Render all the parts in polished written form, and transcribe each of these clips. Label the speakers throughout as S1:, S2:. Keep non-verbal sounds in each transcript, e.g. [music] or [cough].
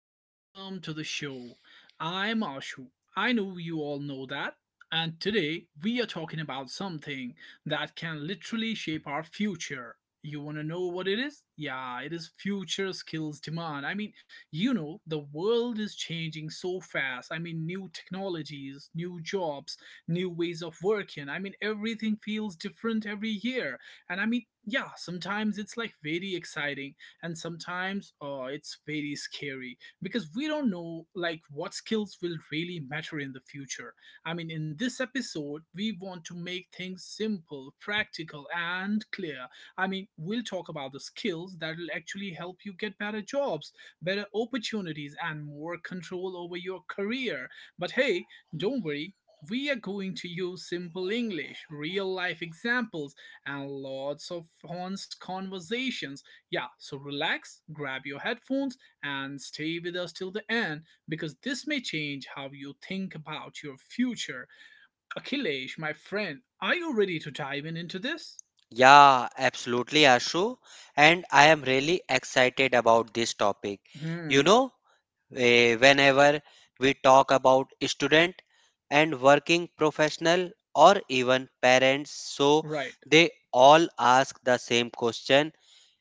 S1: Welcome to the show. I'm Ashu. I know you all know that. And today we are talking about something that can literally shape our future. You want to know what it is? Yeah, it is future skills demand. The world is changing so fast. New technologies, new jobs, new ways of working. Everything feels different every year. And I mean, yeah, Sometimes it's like very exciting and sometimes it's very scary because we don't know like what skills will really matter in the future. In this episode we want to make things simple, practical, and clear. We'll talk about the skills that will actually help you get better jobs, better opportunities, and more control over your career. But hey, don't worry, we are going to use simple English, real life examples, and lots of honest conversations. Yeah, so relax, grab your headphones, and stay with us till the end, because this may change how you think about your future. Akhilesh, my friend, are you ready to dive in into this?
S2: Yeah, absolutely, Ashu. And I am really excited about this topic. You
S1: Hmm,
S2: know, whenever we talk about student and working professional or even parents, so
S1: right.
S2: they all ask the same question,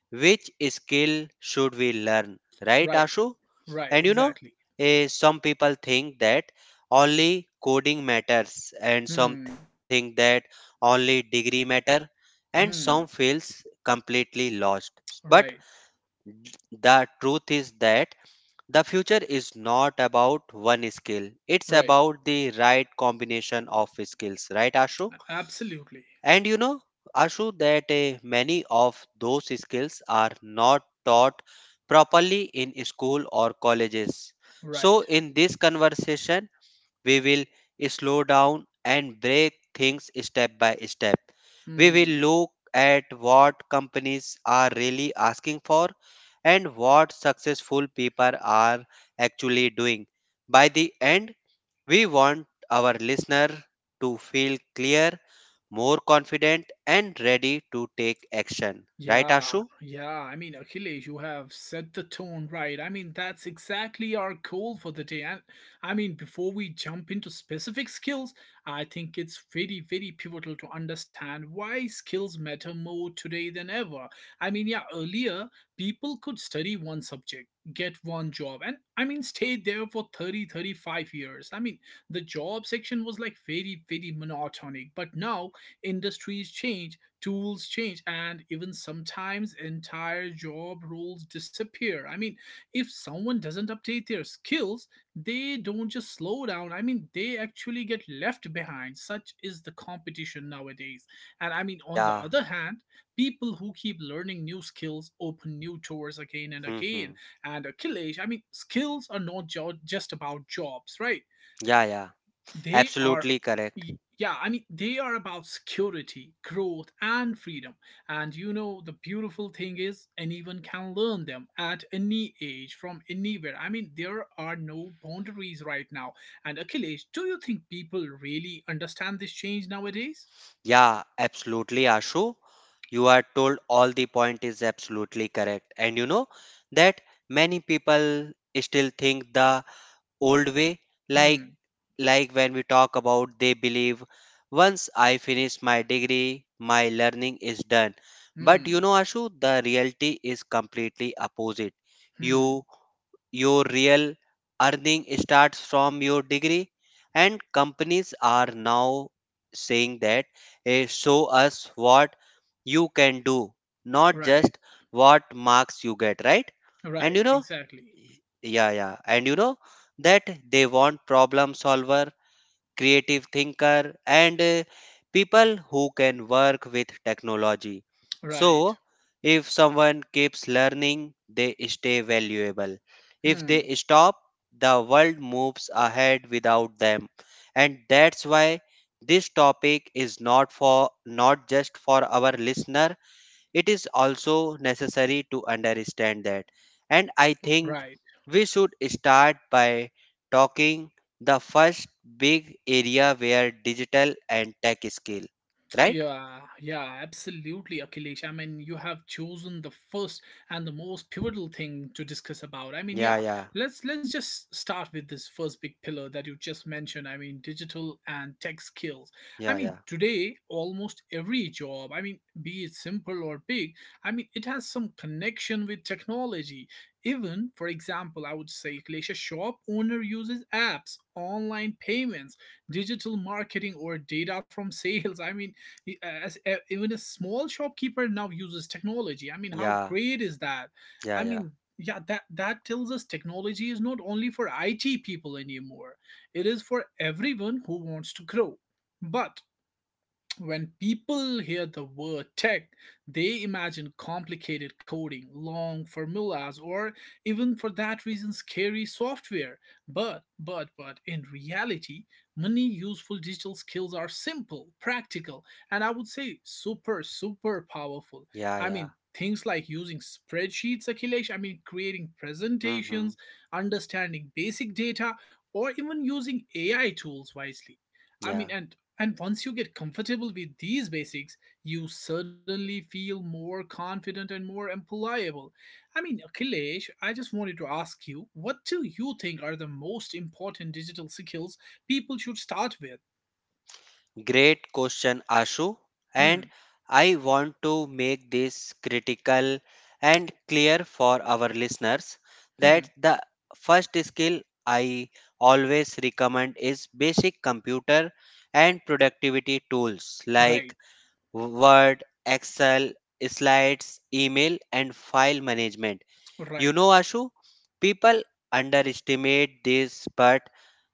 S2: which skill should we learn? Right,
S1: Right,
S2: Ashu?
S1: right,
S2: And you know,
S1: exactly.
S2: some people think that only coding matters, and some
S1: Hmm,
S2: think that only degree matter, and some
S1: hmm,
S2: feels completely lost. But
S1: right,
S2: the truth is that the future is not about one skill; it's
S1: right,
S2: about the right combination of skills. Right, Ashu?
S1: absolutely,
S2: And you know, Ashu, that many of those skills are not taught properly in school or colleges. So,
S1: right.
S2: in this conversation, we will slow down and break things step by step. We will
S1: Hmm.
S2: look at what companies are really asking for and what successful people are actually doing. By the end, we want our listener to feel clear, more confident, and ready to take action. Right,
S1: Yeah,
S2: Ashu?
S1: yeah. Achilles, you have set the tone right. That's exactly our goal for the day. Before we jump into specific skills, I think it's very, very pivotal to understand why skills matter more today than ever. Earlier people could study one subject, get one job, and stay there for 30, 35 years. The job section was like very, very monotonic. But now industries change, tools change, and even sometimes entire job roles disappear. If someone doesn't update their skills, they don't just slow down. They actually get left behind. Such is the competition nowadays. And I mean On the
S2: Yeah.
S1: other hand, people who keep learning new skills open new doors again and
S2: Hmm.
S1: again. And Akhilesh, skills are not just about jobs, right?
S2: Yeah, yeah.
S1: They are,
S2: Absolutely correct.
S1: y- yeah, they are about security, growth, and freedom. And you know, the beautiful thing is anyone can learn them at any age from anywhere. There are no boundaries right now. And Achilles, do you think people really understand this change nowadays?
S2: Yeah, absolutely, Ashu. You are told all the point is absolutely correct. And you know that many people still think the old way, like
S1: hmm
S2: like when we talk about, they believe once I finish my degree my learning is done. But you
S1: hmm
S2: know, Ashu, the reality is completely opposite. you
S1: hmm
S2: your real earning starts from your degree, and companies are now saying that, show us what you can do, not
S1: right.
S2: just what marks you get, right? And you
S1: Right,
S2: know,
S1: exactly.
S2: yeah, yeah, and you know that they want problem solver, creative thinker, and people who can work with technology.
S1: Right.
S2: So, if someone keeps learning, they stay valuable. If they
S1: hmm
S2: stop, the world moves ahead without them. And that's why this topic is not just for our listener, it is also necessary to understand that. And I
S1: right.
S2: think we should start by talking the first big area where digital and tech skill, right?
S1: Yeah, yeah, absolutely, Akhilesh. You have chosen the first and the most pivotal thing to discuss about.
S2: Yeah, yeah,
S1: Let's just start with this first big pillar that you just mentioned. Digital and tech skills.
S2: yeah, yeah,
S1: Today almost every job, be it simple or big, it has some connection with technology. Even, for example, I would say, Akhilesh, a shop owner uses apps, online payments, digital marketing, or data from [laughs] sales. Even a small shopkeeper now uses technology. How
S2: yeah,
S1: great is that?
S2: yeah,
S1: i
S2: yeah,
S1: mean yeah that that tells us technology is not only for IT people anymore. It is for everyone who wants to grow. But when people hear the word tech, they imagine complicated coding, long formulas, or even for that reason scary software. But in reality, many useful digital skills are simple, practical, and I would say super, super
S2: yeah, yeah. Hmm,
S1: powerful.
S2: yeah, yeah.
S1: Things like using spreadsheets, Akhilesh, creating
S2: Mm-hmm,
S1: presentations, understanding basic data, or even using AI tools wisely. I
S2: yeah.
S1: mean, and and once you get comfortable with these basics, you suddenly feel more confident and more employable. Akhilesh, I just wanted to ask you, what do you think are the most important digital skills people should start with?
S2: Great question, Ashu.
S1: Hmm,
S2: And I want to make this critical and clear for our listeners,
S1: hmm,
S2: that the first skill I always recommend is basic computer and productivity tools like
S1: right,
S2: Word, Excel, slides, email, and file management. You
S1: right.
S2: know, Ashu, people underestimate this, but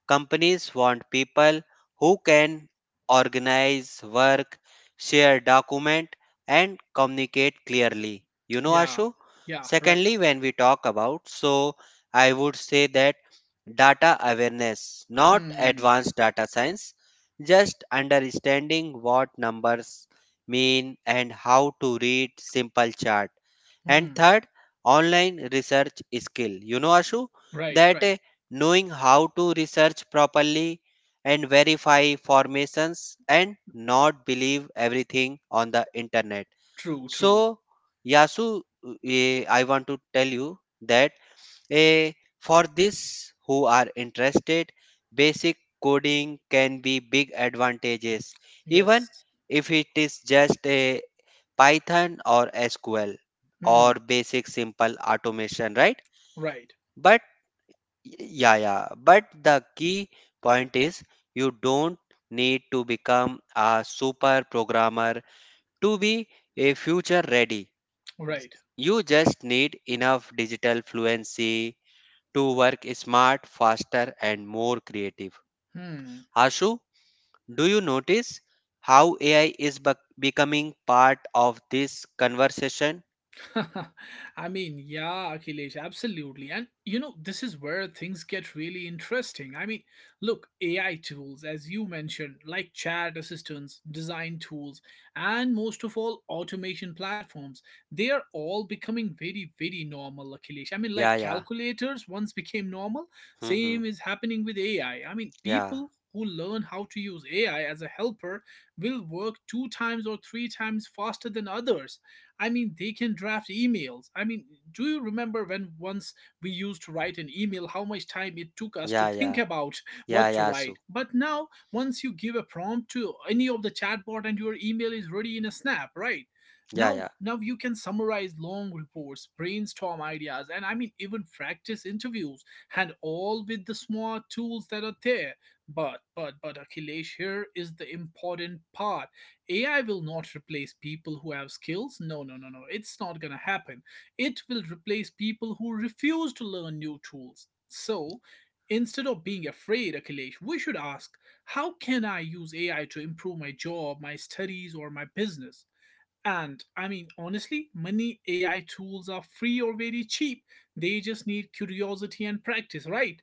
S2: companies want people who can organize work, share document, and communicate clearly. You know,
S1: yeah,
S2: Ashu.
S1: yeah, right.
S2: Secondly, when we talk about, so I would say that data awareness, not
S1: hmm,
S2: advanced data science, just understanding what numbers mean and how to read simple chart. And
S1: hmm,
S2: third, online research skill, you know, Ashu,
S1: right,
S2: that
S1: right.
S2: knowing how to research properly and verify formations and not believe everything on the internet.
S1: True, true.
S2: So, Yasu, I want to tell you that, eh, for this who are interested, basic coding can be big advantages, even
S1: Yes.
S2: if it is just a Python or SQL or
S1: hmm,
S2: basic simple automation, right?
S1: right,
S2: But yeah, yeah. But the key point is you don't need to become a super programmer to be a future ready.
S1: right.
S2: You just need enough digital fluency to work smart, faster, and more creative.
S1: hmm.
S2: Ashu, do you notice how AI is becoming part of this conversation?
S1: [laughs] Akhilesh, absolutely. And you know, this is where things get really interesting. Look, AI tools, as you mentioned, like chat assistants, design tools, and most of all, automation platforms, they are all becoming very, very normal, Akhilesh.
S2: Yeah,
S1: Like
S2: yeah.
S1: calculators once became normal,
S2: Mm-hmm.
S1: same is happening with AI.
S2: Yeah,
S1: People who learn how to use AI as a helper will work 2 times or 3 times faster than others. They can draft emails. Do you remember when once we used to write an email, how much time it took us to
S2: yeah,
S1: think
S2: yeah,
S1: about [laughs]
S2: yeah,
S1: what to
S2: yeah, Ashu.
S1: write? But now, once you give a prompt to any of the chatbot, and your email is ready in a snap, right?
S2: Yeah,
S1: Now,
S2: yeah,
S1: now you can summarize long reports, brainstorm ideas, and even practice interviews, and all with the smart tools that are there. But Akhilesh, here is the important part. AI will not replace people who have skills. No, no, no, no. It's not going to happen. It will replace people who refuse to learn new tools. So, instead of being afraid, Akhilesh, we should ask, how can I use AI to improve my job, my studies, or my business? And honestly, many AI tools are free or very cheap. They just need curiosity and practice, right?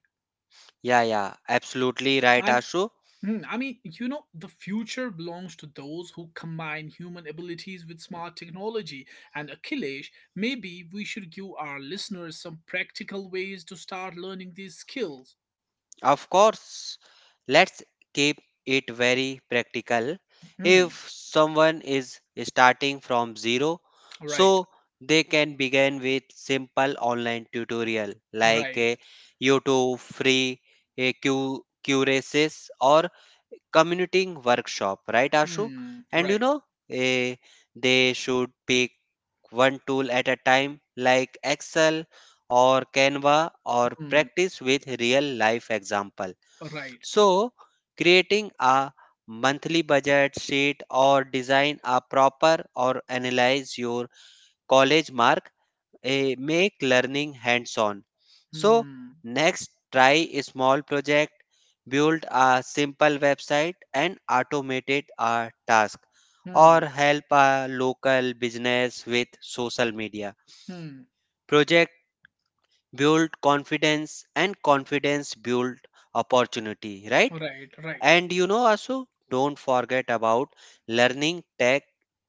S2: yeah, yeah. Absolutely right,
S1: I
S2: Ashu.
S1: Hmm, I mean, You know, the future belongs to those who combine human abilities with smart technology. And Akhilesh, maybe we should give our listeners some practical ways to start learning these skills.
S2: Of course, let's keep it very practical.
S1: Hmm,
S2: If someone is starting from zero,
S1: right,
S2: so they can begin with simple online tutorial like a
S1: right.
S2: YouTube free a Q curases or commuting workshop, right, Ashu? And you
S1: Right.
S2: know, eh, they should pick one tool at a time, like Excel or Canva, or
S1: Hmm,
S2: practice with real life example.
S1: right.
S2: So, creating a monthly budget sheet or design a proper or analyze your college mark, make learning hands on. So,
S1: Hmm,
S2: next try a small project, build a simple website and automate it a task or
S1: hmm,
S2: help a local business with social media
S1: hmm,
S2: project. Build confidence, and confidence build opportunity, right?
S1: right, right.
S2: And you know, Asu, don't forget about learning tech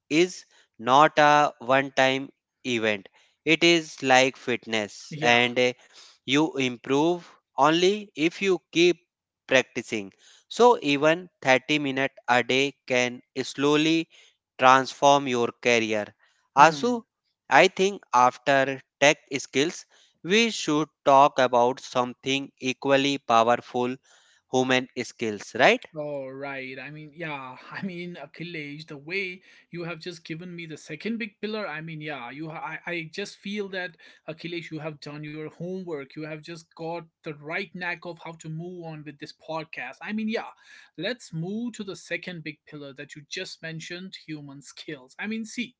S2: is not a one time event. It is like fitness,
S1: Yeah.
S2: and you improve only if you keep practicing. So, even 30 minutes a day can slowly transform your career.
S1: Hmm.
S2: Asu, I think after tech skills, we should talk about something equally powerful, human skills, right?
S1: Oh, right. [laughs] Achilles, the way you have just given me the second big pillar, I just feel that Achilles, you have done your homework. You have just got the right knack of how to move on with this podcast. Let's move to the second big pillar that you just mentioned, human skills.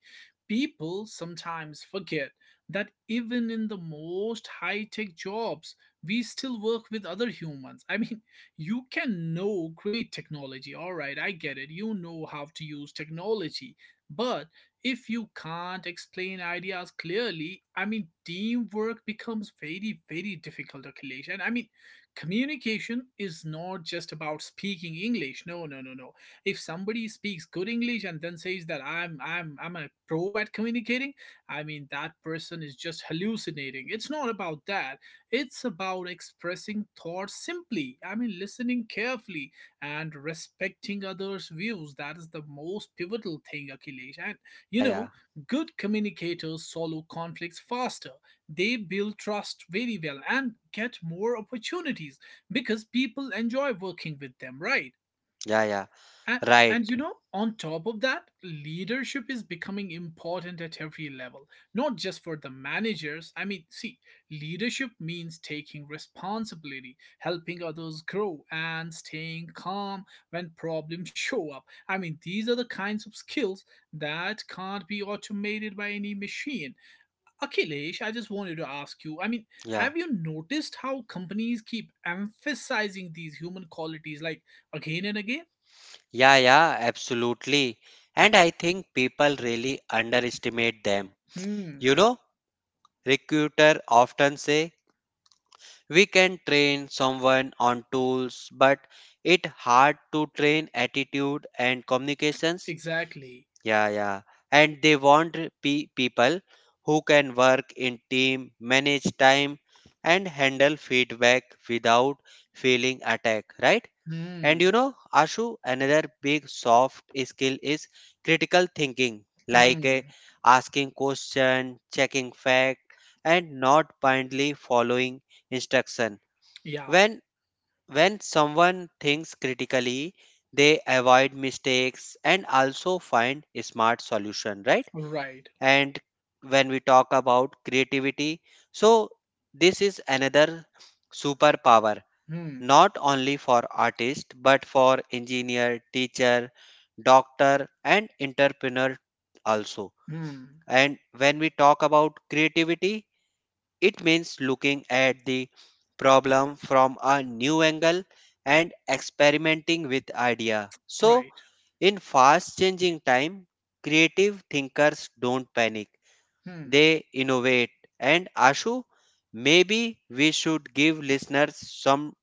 S1: People sometimes forget that even in the most high-tech jobs, we still work with other humans. You can know great technology. All right, I get it. You know how to use technology. But if you can't explain ideas clearly, teamwork becomes very, very difficult, Akhilesh. Communication is not just about speaking English. No, no, no, no. If somebody speaks good English and then says that I'm a pro at communicating, that person is just hallucinating. It's not about that. It's about expressing thoughts simply, listening carefully and respecting others' views. That is the most pivotal thing, Akhilesh. And you
S2: Yeah,
S1: know,
S2: yeah,
S1: good communicators solve conflicts faster, they build trust very well and get more opportunities because people enjoy working with them, right?
S2: yeah, yeah,
S1: And, and
S2: right.
S1: you know, on top of that, leadership is becoming important at every level, not just for the managers. Leadership means taking responsibility, helping others grow, and staying calm when problems show up. These are the kinds of skills that can't be automated by any machine. Akhilesh, I just wanted to ask you,
S2: Yeah,
S1: have you noticed how companies keep emphasizing these human qualities like again and again?
S2: yeah, yeah, absolutely. And I think people really underestimate them.
S1: Hmm.
S2: You know, recruiter often say we can train someone on tools, but it hard to train attitude and communications.
S1: Exactly.
S2: Yeah, yeah. And they want people who can work in team, manage time, and handle feedback without feeling attacked, right? And you
S1: Hmm.
S2: know, Ashu, another big soft skill is critical thinking, like
S1: Hmm.
S2: asking question, checking fact, and not blindly following instruction.
S1: Yeah.
S2: When when someone thinks critically, they avoid mistakes and also find smart solution, right?
S1: Right.
S2: And when we talk about creativity, so this is another superpower,
S1: Hmm.
S2: not only for artist but for engineer, teacher, doctor, and entrepreneur also.
S1: Hmm.
S2: And when we talk about creativity, it means looking at the problem from a new angle and experimenting with idea. So,
S1: Right.
S2: in fast changing time, creative thinkers don't panic,
S1: Hmm.
S2: they innovate. And Ashu, maybe we should give listeners some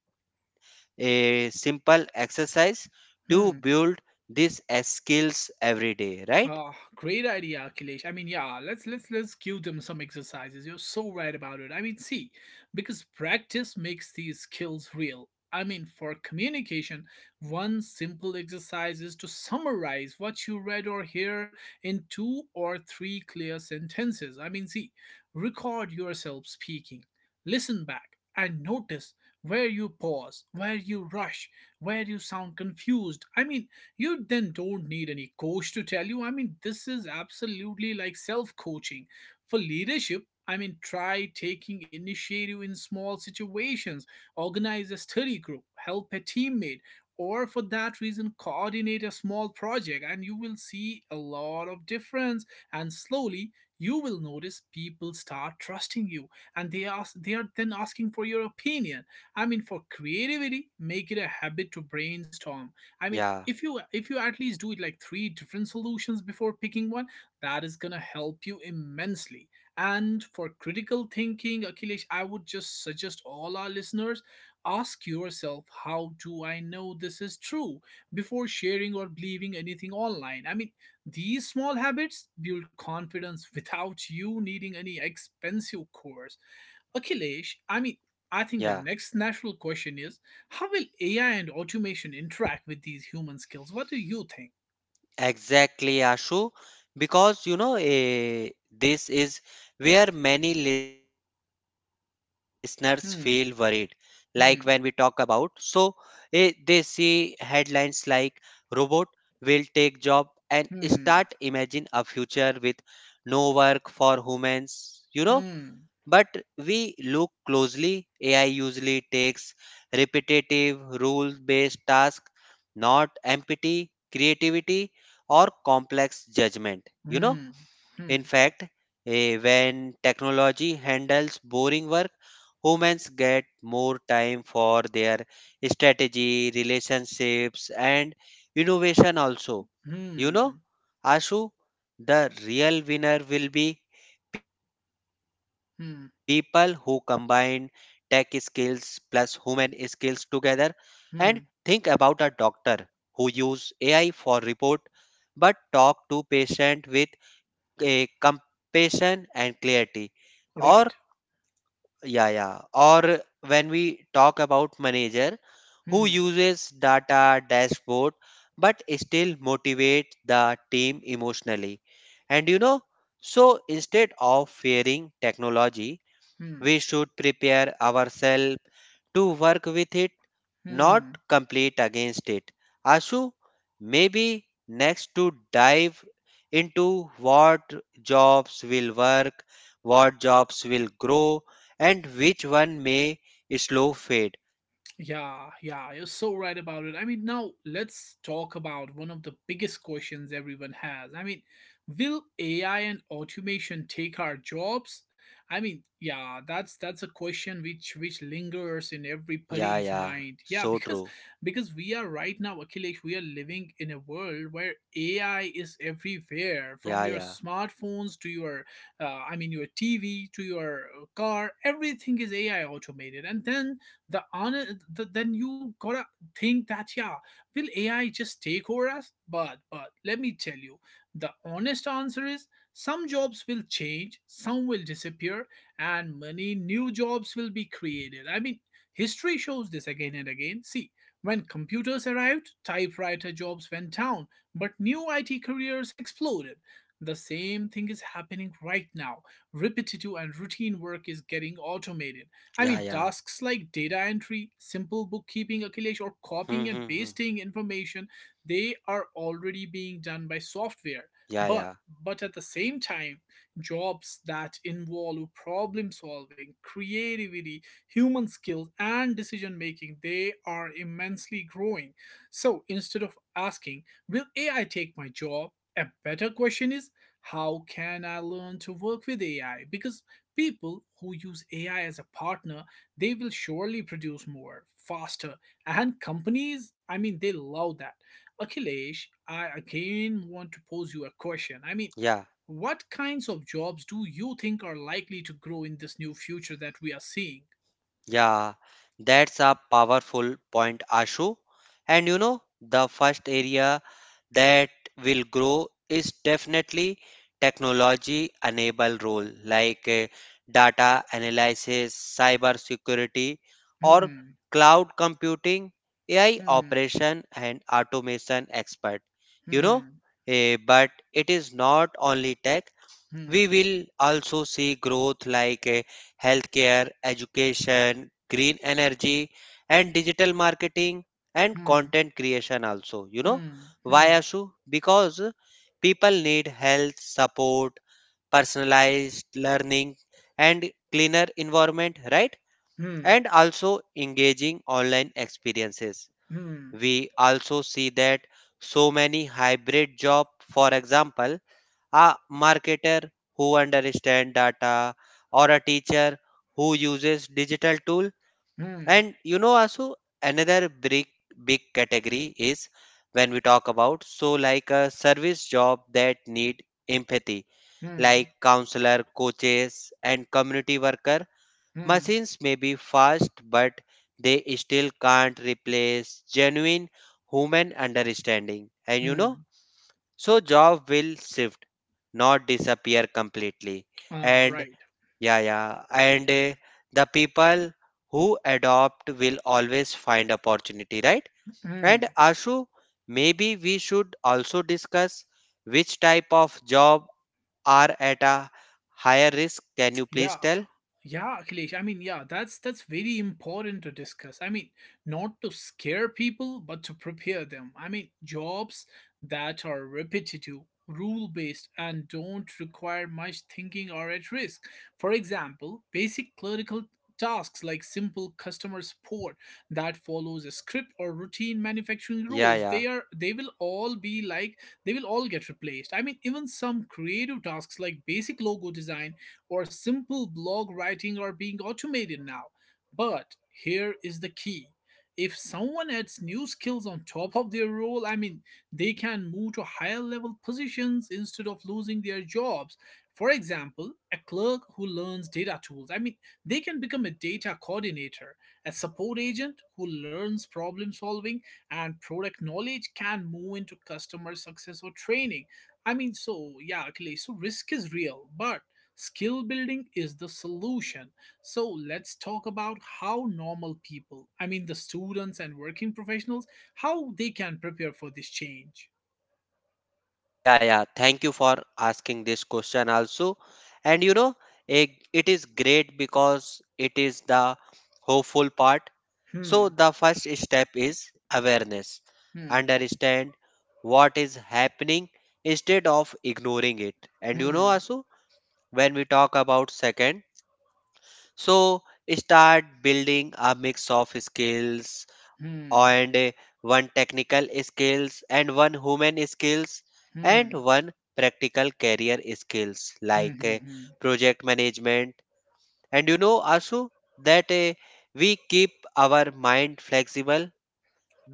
S2: a simple exercise to
S1: Hmm.
S2: build these skills every day, right?
S1: Ah, great idea, Akhilesh. Let's give them some exercises. You're so right about it. Because practice makes these skills real. For communication, one simple exercise is to summarize what you read or hear in two or three clear sentences. Record yourself speaking, listen back, and notice where you pause, where you rush, where you sound confused. You then don't need any coach to tell you. This is absolutely like self coaching. For leadership, try taking initiative in small situations, organize a study group, help a teammate, or for that reason, coordinate a small project, and you will see a lot of difference. And slowly, you will notice people start trusting you and they are then asking for your opinion. For creativity, make it a habit to brainstorm. I mean,
S2: Yeah,
S1: if you if you at least do it like three different solutions before picking one, that is gonna help you immensely. And for critical thinking, Akhilesh, I would just suggest all our listeners ask yourself, how do I know this is true before sharing or believing anything online? These small habits build confidence [laughs] without you needing any expensive course. Akhilesh, I think the
S2: yeah,
S1: next natural question is, how will AI and automation interact with these human skills? What do you think?
S2: exactly, Ashu. Because you know, this is where many listeners feel worried. Like when we
S1: Hmm,
S2: talk about, so
S1: hmm,
S2: they see headlines like robot will take job and start
S1: hmm,
S2: imagine a future with no work for humans, you know.
S1: hmm,
S2: But we look closely, AI usually takes repetitive, rule based tasks, not empathy, creativity, or complex judgment. You know,
S1: hmm, hmm,
S2: in fact, when technology handles boring work, humans get more time for their strategy, relationships, and innovation also. You
S1: hmm,
S2: know, Ashu, the real winner will be people who combine
S1: hmm,
S2: tech skills plus human skills together, and think about a
S1: hmm.
S2: doctor who use AI for report but talk to patient with a compassion and clarity, or
S1: Right.
S2: yeah, yeah, or when we talk about manager who
S1: Hmm,
S2: uses data dashboard but still motivate the team emotionally. And you know, so instead of fearing technology
S1: hmm,
S2: we should prepare ourselves to work with it, not
S1: hmm.
S2: complete against it. Ashu, maybe next to dive into what jobs will work, what jobs will grow, and which one may slow fade.
S1: Yeah, yeah, you're so right about it. Now let's talk about one of the biggest questions everyone has. Will AI and automation take our jobs? I mean, yeah, that's a question which lingers in
S2: Yeah,
S1: everybody's
S2: yeah,
S1: mind. Yeah,
S2: so
S1: because
S2: true.
S1: we are right now, Akhilesh, we are living in a world where AI is everywhere,
S2: Yeah,
S1: from your
S2: yeah,
S1: smartphones to your, I mean, your TV to your car. Everything is AI automated, and then then you gotta think that yeah, will AI just take over us, but let me tell you, the honest answer is, some jobs will change, some will disappear, and many new jobs will be created. I mean, history shows this again and again. See, when computers arrived, typewriter jobs went down, but new IT careers exploded. The same thing is happening right now. Repetitive and routine work is getting automated. I
S2: yeah,
S1: mean,
S2: yeah.
S1: tasks like data entry, simple bookkeeping, Akhilesh, or
S2: Hmm,
S1: copying and
S2: hmm, hmm.
S1: pasting information, they are already being done by software.
S2: Yeah,
S1: But
S2: yeah,
S1: but at the same time, jobs that involve problem solving, creativity, human skills, and decision making, they are immensely growing. So instead of asking, will AI take my job? A better question is, how can I learn to work with AI? Because people who use AI as a partner, they will surely produce more, faster. And companies, I mean, they love that. Akhilesh, I again want to pose you a question. I mean,
S2: yeah.
S1: what kinds of jobs do you think are likely to grow in this new future that we are seeing?
S2: Yeah, that's a powerful point, Ashu. And you know, the first area that will grow is definitely technology enable role like data analysis, cyber security, or
S1: Hmm,
S2: cloud computing, AI
S1: hmm,
S2: operation, and automation expert. You know,
S1: hmm,
S2: but it is not only tech.
S1: hmm,
S2: We will also see growth like healthcare, education, green energy, and digital marketing and
S1: hmm,
S2: content creation also. You know,
S1: hmm,
S2: why
S1: hmm,
S2: Ashu? Because people need health support, personalized learning, and cleaner environment, right?
S1: hmm,
S2: And also engaging online experiences.
S1: hmm,
S2: We also see that so many hybrid job, for example, a marketer who understands data or a teacher who uses digital tool.
S1: hmm,
S2: And you know, Asu, another big category is when we talk about, so like a service job that need empathy, like
S1: hmm,
S2: counselor, coaches, and community worker.
S1: hmm,
S2: Machines may be fast, but they still can't replace genuine human understanding. And you know,
S1: hmm.
S2: so job will shift, not disappear completely.
S1: Ah,
S2: And
S1: right.
S2: yeah, yeah, and the people who adopt will always find opportunity, right? And
S1: Hmm.
S2: Ashu, maybe we should also discuss which type of job are at a higher risk. Can you please
S1: Yeah.
S2: tell?
S1: Yeah, Akhilesh. I mean, yeah, that's very important to discuss. I mean, not to scare people, but to prepare them. I mean, jobs that are repetitive, rule-based, and don't require much thinking are at risk. For example, basic clerical tasks like simple customer support that follows a script, or routine manufacturing
S2: Yeah,
S1: roles,
S2: yeah.
S1: they will all be like, they will all get replaced. I mean, even some creative tasks like basic logo design or simple blog writing are being automated now. But here is the key. If someone adds new skills on top of their role, I mean, they can move to higher level positions instead of losing their jobs. For example, a clerk who learns data tools, I mean, they can become a data coordinator. A support agent who learns problem solving and product knowledge can move into customer success or training. I mean, so yeah, Akhilesh, so risk is real, but skill building is the solution. So let's talk about how normal people, I mean the students and working professionals, how they can prepare for this change.
S2: Yeah, yeah. Thank you for asking this question also. And you know, it is great because it is the hopeful part.
S1: Hmm,
S2: So, the first step is awareness.
S1: hmm,
S2: Understand what is happening instead of ignoring it. And you know,
S1: hmm,
S2: Asu, when we talk about second, so start building a mix of skills
S1: hmm,
S2: and one technical skills and one human skills and
S1: hmm,
S2: one practical career skills
S1: hmm,
S2: like
S1: hmm, hmm.
S2: project management. And you know, Asu, that we keep our mind flexible,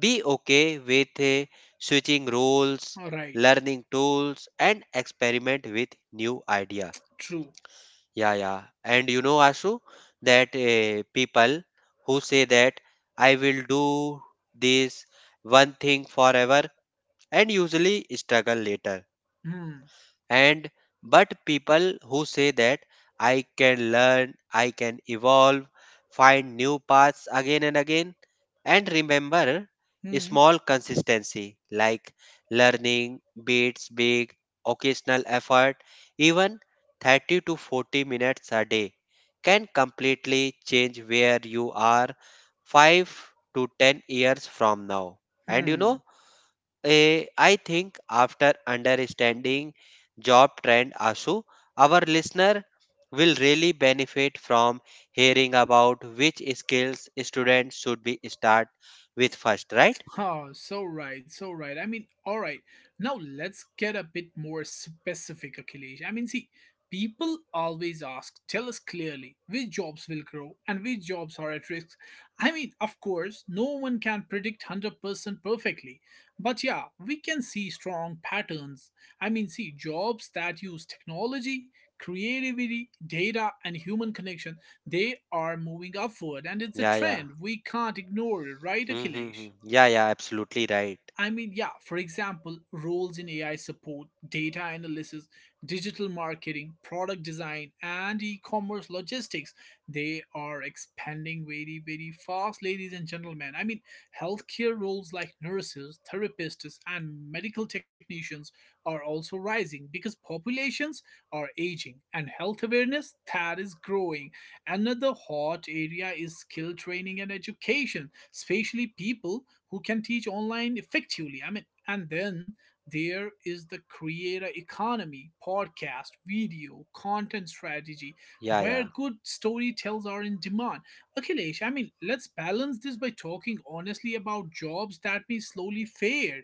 S2: be okay with switching roles,
S1: All right,
S2: learning tools, and experiment with new idea.
S1: true.
S2: Yeah, yeah. And you know, Ashu, that people who say that I will do this one thing forever and usually struggle later,
S1: Hmm,
S2: and but people who say that I can learn, I can evolve, find new paths again and again. And remember, a
S1: hmm,
S2: small consistency like learning beats big occasional effort. Even 30 to 40 minutes a day can completely change where you are 5 to 10 years from now. And you know,
S1: hmm.
S2: I think after understanding job trend ASU, our listener will really benefit from hearing about which skills students should be start with first, right?
S1: Oh, so right, so right. I mean, all right. Now let's get a bit more specific, Akhilesh. I mean, see, people always ask, tell us clearly which jobs will grow and which jobs are at risk. I mean, of course, no one can predict 100% perfectly. But yeah, we can see strong patterns. I mean, see, jobs that use technology, creativity, data, and human connection, they are moving upward. And it's a
S2: Yeah, yeah.
S1: trend. We can't ignore it, right,
S2: Mm-hmm.
S1: Akhilesh?
S2: Yeah, yeah, absolutely right.
S1: I mean, yeah, for example, roles in AI support, data analysis, digital marketing, product design, and e commerce logistics, they are expanding very, very fast, ladies and gentlemen. I mean, healthcare roles like nurses, therapists, and medical technicians are also rising because populations are aging and health awareness that is growing. Another hot area is skill training and education, especially people who can teach online effectively. I mean, and then there is the creator economy, podcast, video, content strategy,
S2: Yeah,
S1: where
S2: yeah.
S1: good storytellers are in demand. Akhilesh, I mean, let's balance this by talking honestly about jobs that may slowly fade.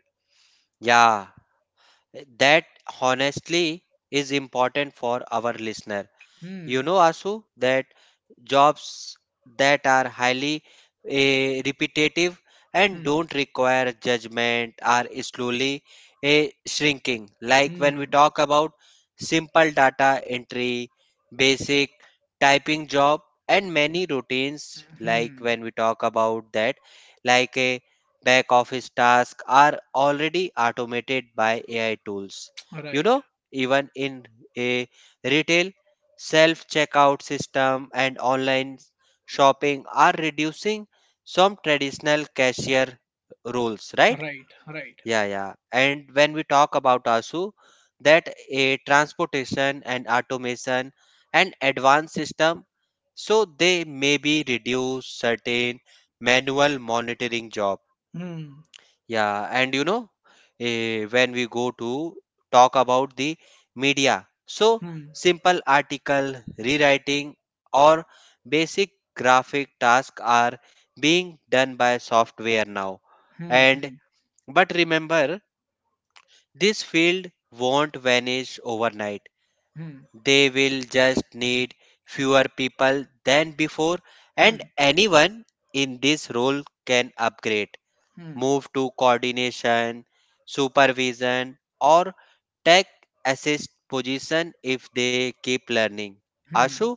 S2: Yeah. That honestly is important for our listener.
S1: Hmm,
S2: You know, Asu, that jobs that are highly repetitive and
S1: hmm,
S2: don't require judgment are slowly shrinking. Like when we
S1: hmm,
S2: talk about simple data entry, basic typing job, and
S1: hmm,
S2: many routines,
S1: hmm,
S2: like
S1: hmm.
S2: when we talk about that, like a back office task are already automated by AI tools. You
S1: Right,
S2: know, even in a retail self checkout system and online shopping are reducing some traditional cashier roles, right?
S1: right, right.
S2: Yeah, yeah. And when we talk about ASU, that a transportation and automation and advanced system, so they may be reduce certain manual monitoring job
S1: Hmm,
S2: yeah, and you know, when we go to talk about the media, so
S1: hmm,
S2: simple article rewriting or basic graphic tasks are being done by software now.
S1: hmm,
S2: And
S1: hmm,
S2: but remember, this field won't vanish overnight.
S1: hmm,
S2: They will just need fewer people than before, and
S1: hmm,
S2: anyone in this role can upgrade
S1: hmm,
S2: move to coordination, supervision, or tech assist position if they keep learning.
S1: hmm.
S2: Ashu,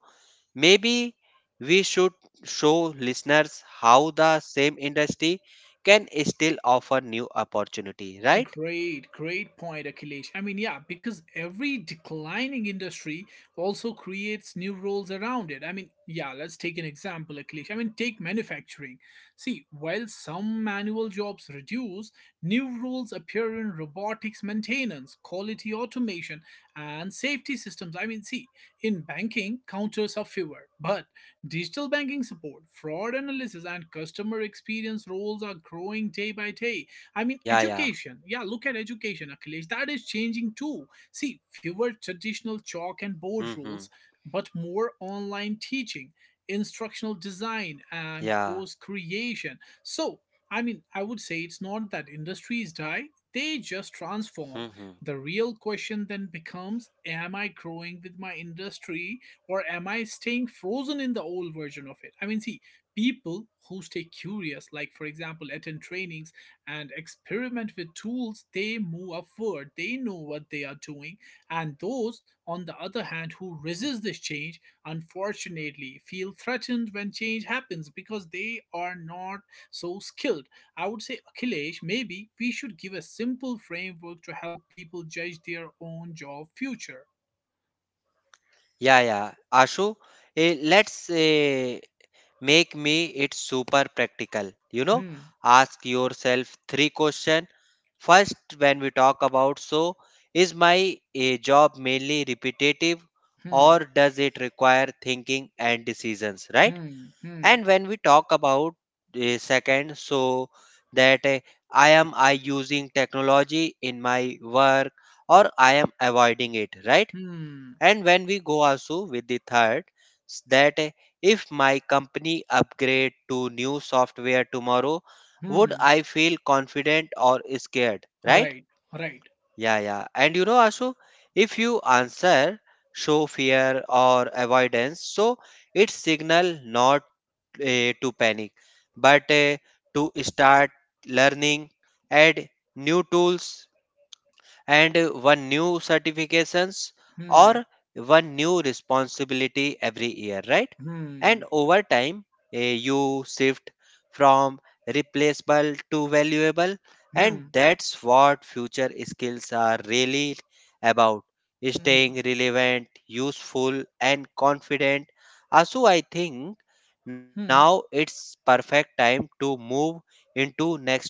S2: maybe we should show listeners how the same industry can still offer new opportunity, right?
S1: Great, great point, Akhilesh. I mean, yeah, because every declining industry also creates new roles around it. I mean, yeah, let's take an example, Akhilesh. I mean, take manufacturing. See, while some manual jobs reduce, new roles appear in robotics maintenance, quality automation, and safety systems. I mean, see, in banking, counters are fewer, but digital banking support, fraud analysis, and customer experience roles are growing day by day. I mean,
S2: Yeah, yeah.
S1: education. Yeah, look at education, Akhilesh. That is changing too. See, fewer traditional chalk and board
S2: Hmm.
S1: rules, but more online teaching, instructional design, and
S2: Yeah.
S1: course creation. So, I mean, I would say it's not that industries die, they just transform.
S2: Hmm.
S1: The real question then becomes, am I growing with my industry or am I staying frozen in the old version of it? I mean, see, people who stay curious, like for example, attend trainings and experiment with tools, they move upward, they know what they are doing. And those on the other hand who resist this change unfortunately feel threatened when change happens, because they are not so skilled. I would say, Akhilesh, maybe we should give a simple framework to help people judge their own job future.
S2: Yeah, yeah. Ashu, let's make me it super practical, you know,
S1: Hmm,
S2: ask yourself three questions. First, when we talk about, so is my a job mainly repetitive
S1: hmm,
S2: or does it require thinking and decisions, right?
S1: hmm, hmm,
S2: And when we talk about a second, so that I am I using technology in my work or I am avoiding it, right?
S1: hmm,
S2: And when we go also with the third, that if my company upgrade to new software tomorrow, would
S1: hmm,
S2: I feel confident or scared? Right?
S1: right, right,
S2: Yeah, yeah. And you know, Ashu, if you answer show fear or avoidance, so it's signal not to panic, but to start learning, add new tools and one new certifications
S1: hmm,
S2: or one new responsibility every year, right? And
S1: hmm,
S2: over time you shift from replaceable to valuable, and
S1: hmm,
S2: that's what future skills are really about,
S1: hmm,
S2: staying relevant, useful and confident. Also I think now
S1: hmm.
S2: it's perfect time to move into next part,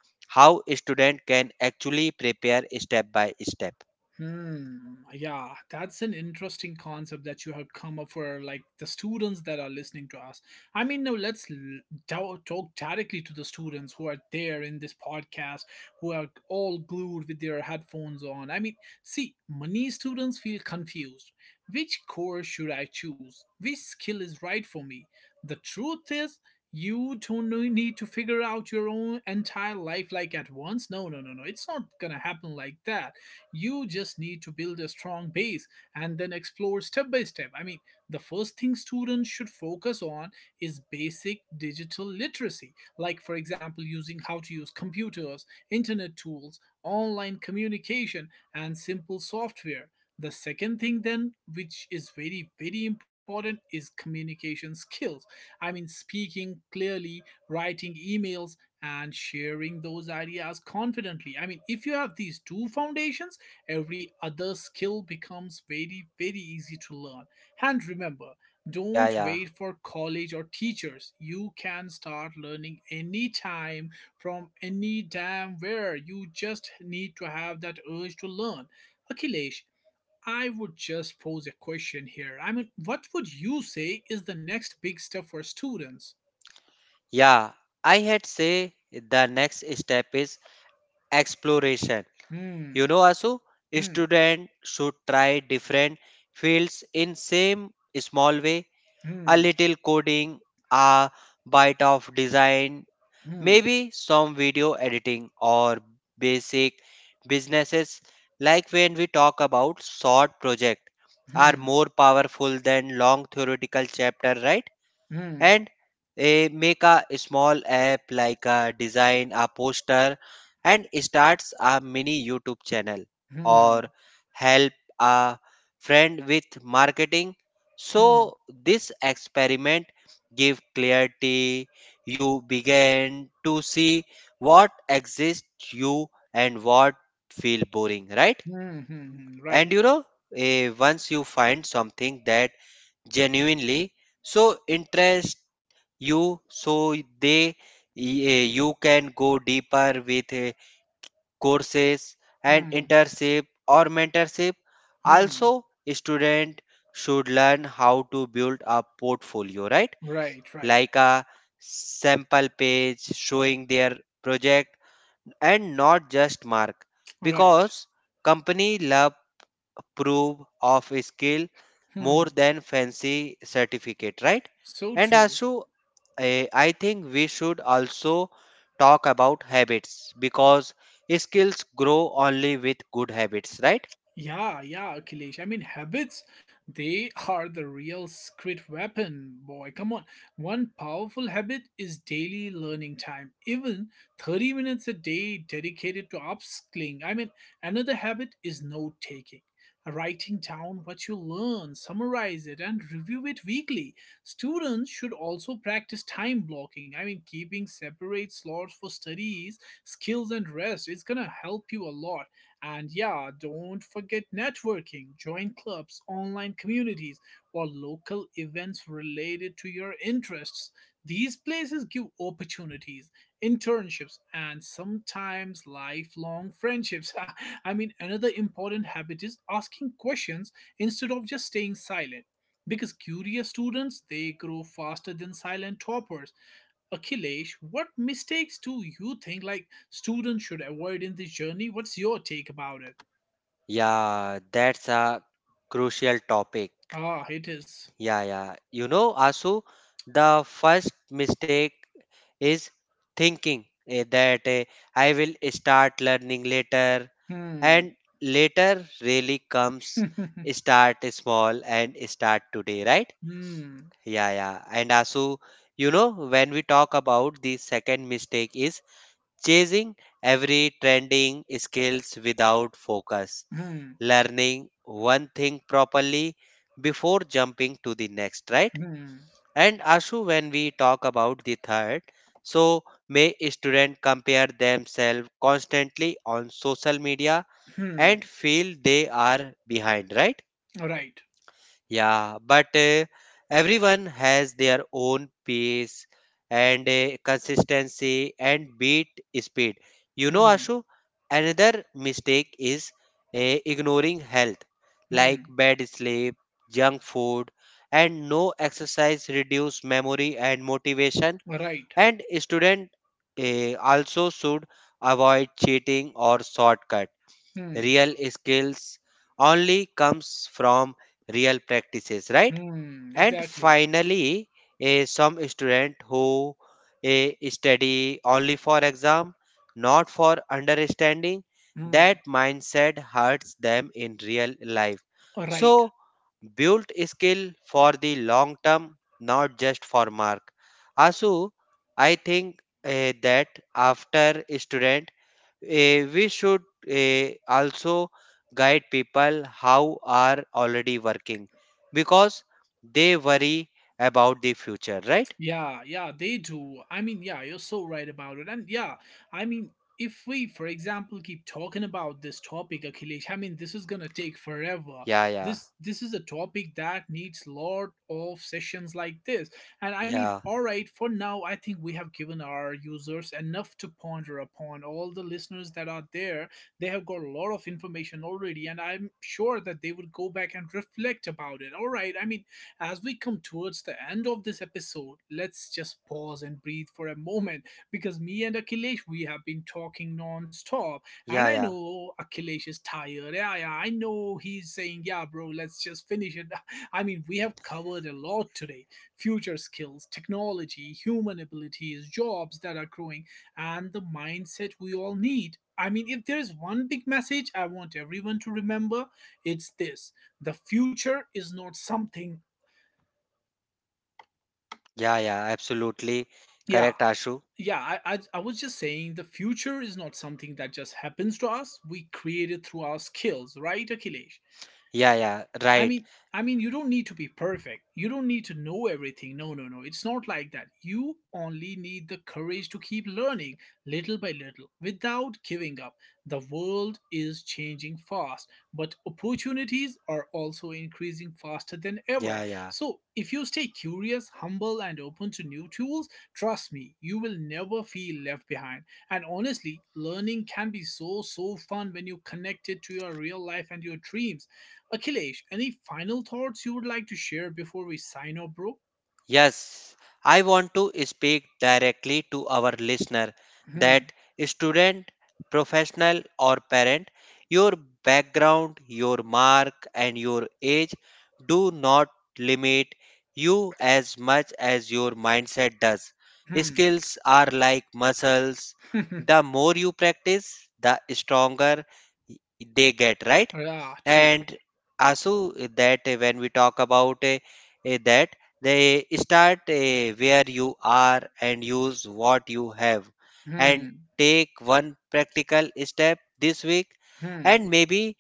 S2: how student can actually prepare step by step.
S1: Hmm. Yeah, that's an interesting concept that you have come up for, like the students that are listening to us. I mean, now let's talk directly to the students who are there in this podcast, who are all glued with their headphones on. I mean, see, many students feel confused. Which course should I choose? Which skill is right for me? The truth is, you don't know- need to figure out your own entire life like at once. No, no, no, no. It's not gonna happen like that. You just need to build a strong base and then explore step by step. I mean, the first thing students should focus on is basic digital literacy, like, for example, using how to use computers, internet tools, online communication, and simple software. The second thing, then, which is very, very important, is communication skills. I mean, speaking clearly, writing emails, and sharing those ideas confidently. I mean, if you have these two foundations, every other skill becomes very, very easy to learn. And remember,
S2: Yeah,
S1: don't
S2: yeah.
S1: wait for college or teachers. You can start learning anytime from any damn where. You just need to have that urge to learn. Akhilesh, I would just pose a question here. I mean, what would you say is the next big step for students?
S2: Yeah, I had say the next step is exploration. You
S1: Hmm,
S2: know, Asu,
S1: hmm,
S2: student should try different fields in same small way, a
S1: hmm,
S2: little coding, a bite of design.
S1: hmm,
S2: Maybe some video editing or basic businesses, like when we talk about short project are
S1: hmm,
S2: more powerful than long theoretical chapter, right?
S1: hmm, hmm,
S2: And make a small app, like a design a poster and starts a mini YouTube channel or
S1: hmm,
S2: help a friend with marketing, so
S1: hmm,
S2: this experiment give clarity. You begin to see what exists you and what feel boring, right?
S1: hmm, hmm,
S2: And
S1: right.
S2: you know, once you find something that genuinely so interest you, so they you can go deeper with courses and
S1: Hmm.
S2: internship or mentorship. Also
S1: Hmm.
S2: student should learn how to build a portfolio, right?
S1: Right, right,
S2: Like a sample page showing their project and not just mark,
S1: right.
S2: because company love proof of skill more
S1: Hmm.
S2: than fancy certificate, right?
S1: So
S2: And
S1: true.
S2: also I think we should also talk about habits, because skills grow only with good habits, right?
S1: Yeah, yeah, Akhilesh. I mean, habits, they [laughs] are the real secret weapon, boy. Come on. One powerful habit is daily learning time, even 30 minutes a day dedicated to upskilling. I mean, another habit is note taking, writing down what you learn, summarize it, and review it weekly. Students should also practice time blocking. I mean, keeping separate slots for studies, skills, and rest is gonna help you a lot. And yeah, don't forget networking. Join clubs, online communities, or local events related to your interests. These places give opportunities, internships, and sometimes lifelong friendships. [laughs] I mean, another important habit is asking questions instead of just staying silent, because curious students, they grow faster than silent toppers. Akhilesh, what mistakes do you think like students should avoid in this journey? What's your take about it?
S2: Yeah, that's a crucial topic.
S1: Ah, it is.
S2: Yeah, yeah. You know, Asu, the first mistake is thinking that I will start learning later,
S1: Hmm.
S2: and later really comes.
S1: [laughs]
S2: Start small and start today, right?
S1: Hmm.
S2: Yeah, yeah. And Asu, you know, when we talk about the second mistake is chasing every trending skills without focus,
S1: Hmm.
S2: learning one thing properly before jumping to the next, right?
S1: Hmm.
S2: And Ashu, when we talk about the third, so may students compare themselves constantly on social media
S1: Hmm.
S2: and feel they are behind, right?
S1: Right.
S2: Yeah, but everyone has their own pace and consistency and beat speed. You know,
S1: Hmm.
S2: Ashu, another mistake is ignoring health, like
S1: Hmm.
S2: bad sleep, junk food, and no exercise reduce memory and motivation.
S1: Right.
S2: And student also should avoid cheating or shortcut.
S1: Hmm.
S2: Real skills only comes from real practices, right?
S1: Hmm.
S2: And
S1: Exactly.
S2: finally some student who study only for exam, not for understanding, that
S1: Hmm.
S2: mindset hurts them in real life.
S1: Right.
S2: So build skill for the long term, not just for mark. Asu, I think that after student we should also guide people how are already working, because they worry about the future, right?
S1: Yeah, yeah, they do. I mean, yeah, you're so right about it. And yeah, I mean, if we, for example, keep talking about this topic, Akhilesh, I mean, this is gonna take forever.
S2: Yeah, yeah.
S1: This is a topic that needs lot of sessions like this. And I mean,
S2: Yeah,
S1: all right, for now, I think we have given our users enough to ponder upon. All the listeners that are there, they have got a lot of information already, and I'm sure that they would go back and reflect about it. All right, I mean, as we come towards the end of this episode, let's just pause and breathe for a moment, because me and Akhilesh, we have been talking non stop. And
S2: yeah.
S1: I
S2: Yeah,
S1: know Akhilesh is tired. Yeah, yeah, I know he's saying, yeah, bro, let's just finish it. [laughs] I mean, we have covered a lot today, future skills, technology, human abilities, jobs that are growing, and the mindset we all need. I mean, if there is one big message I want everyone to remember, it's this, the future is not something.
S2: yeah, yeah, absolutely
S1: Yeah,
S2: correct, Ashu.
S1: yeah. I was just saying, the future is not something that just happens to us. We create it through our skills, right, Akhilesh?
S2: Yeah, yeah,
S1: I
S2: right.
S1: mean, I mean, you don't need to be perfect. You don't need to know everything. No, no, no. It's not like that. You only need the courage to keep learning, little by little, without giving up. The world is changing fast, but opportunities are also increasing faster than ever.
S2: Yeah, yeah.
S1: So, if you stay curious, humble, and open to new tools, trust me, you will never feel left behind. And honestly, learning can be so, so fun when you connect it to your real life and your dreams. Akhilesh, any final thoughts you would like to share before we sign off, bro?
S2: Yes, I want to speak directly to our listener,
S1: Hmm.
S2: that student, professional, or parent, your background, your mark, and your age do not limit you as much as your mindset does.
S1: Hmm.
S2: Skills are like muscles, the
S1: [laughs]
S2: more you practice, the stronger they get, right?
S1: Ah, true.
S2: And Asu, that when we talk about that they start where you are and use what you have, and
S1: Hmm.
S2: take one practical step this week,
S1: Hmm.
S2: and maybe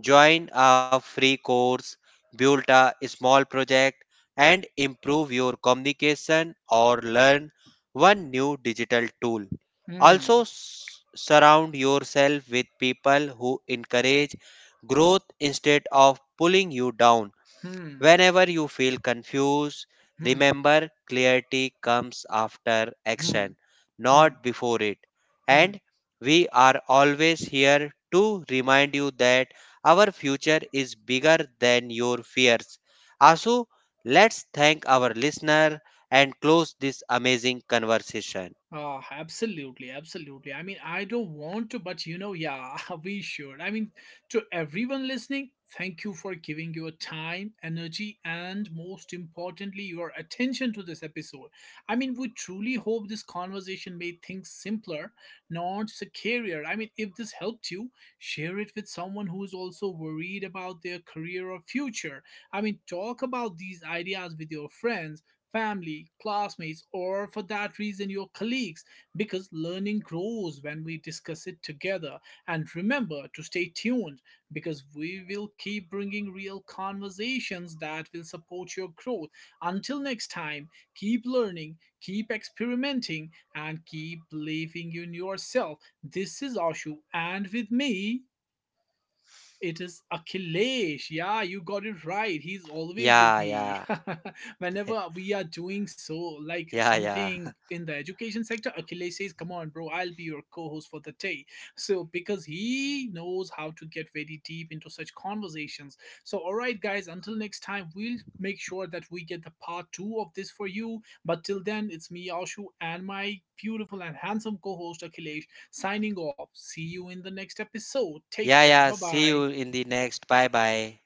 S2: join a free course, build a small project and improve your communication or learn one new digital tool. Also
S1: Hmm.
S2: surround yourself with people who encourage growth instead of pulling you down.
S1: Hmm.
S2: Whenever you feel confused,
S1: Hmm.
S2: remember clarity comes after
S1: Hmm.
S2: action,
S1: Hmm.
S2: not before it.
S1: Hmm.
S2: And we are always here to remind you that our future is bigger than your fears. Asu, let's thank our listener and close this amazing conversation.
S1: Absolutely, absolutely. I mean, I don't want to, but you know, yeah, [laughs] we should. I mean, to everyone listening, thank you for giving your time, energy, and most importantly, your attention to this episode. I mean, we truly hope this conversation made things simpler, not scarier. I mean, if this helped you, share it with someone who is also worried about their career or future. I mean, talk about these ideas with your friends, family, classmates, or for that reason, your colleagues, because learning grows when we discuss it together. And remember to stay tuned, because we will keep bringing real conversations that will support your growth. Until next time, keep learning, keep experimenting, and keep believing in yourself. This is Ashu, and with me, it is Akhilesh. Yeah, you got it right. He's always with
S2: Yeah,
S1: me.
S2: yeah,
S1: [laughs] Whenever we are doing so, like
S2: yeah, yeah.
S1: something
S2: [laughs]
S1: in the education sector, Akhilesh says, come on, bro, I'll be your co host for the day. So, because he knows how to get very deep into such conversations. So, all right, guys, until next time, we'll make sure that we get the part two of this for you. But till then, it's me, Ashu, and my beautiful and handsome co host, Akhilesh, signing off. See you in the next episode. Take
S2: Yeah,
S1: care. Bye
S2: yeah. See
S1: bye.
S2: you in the next. Bye bye.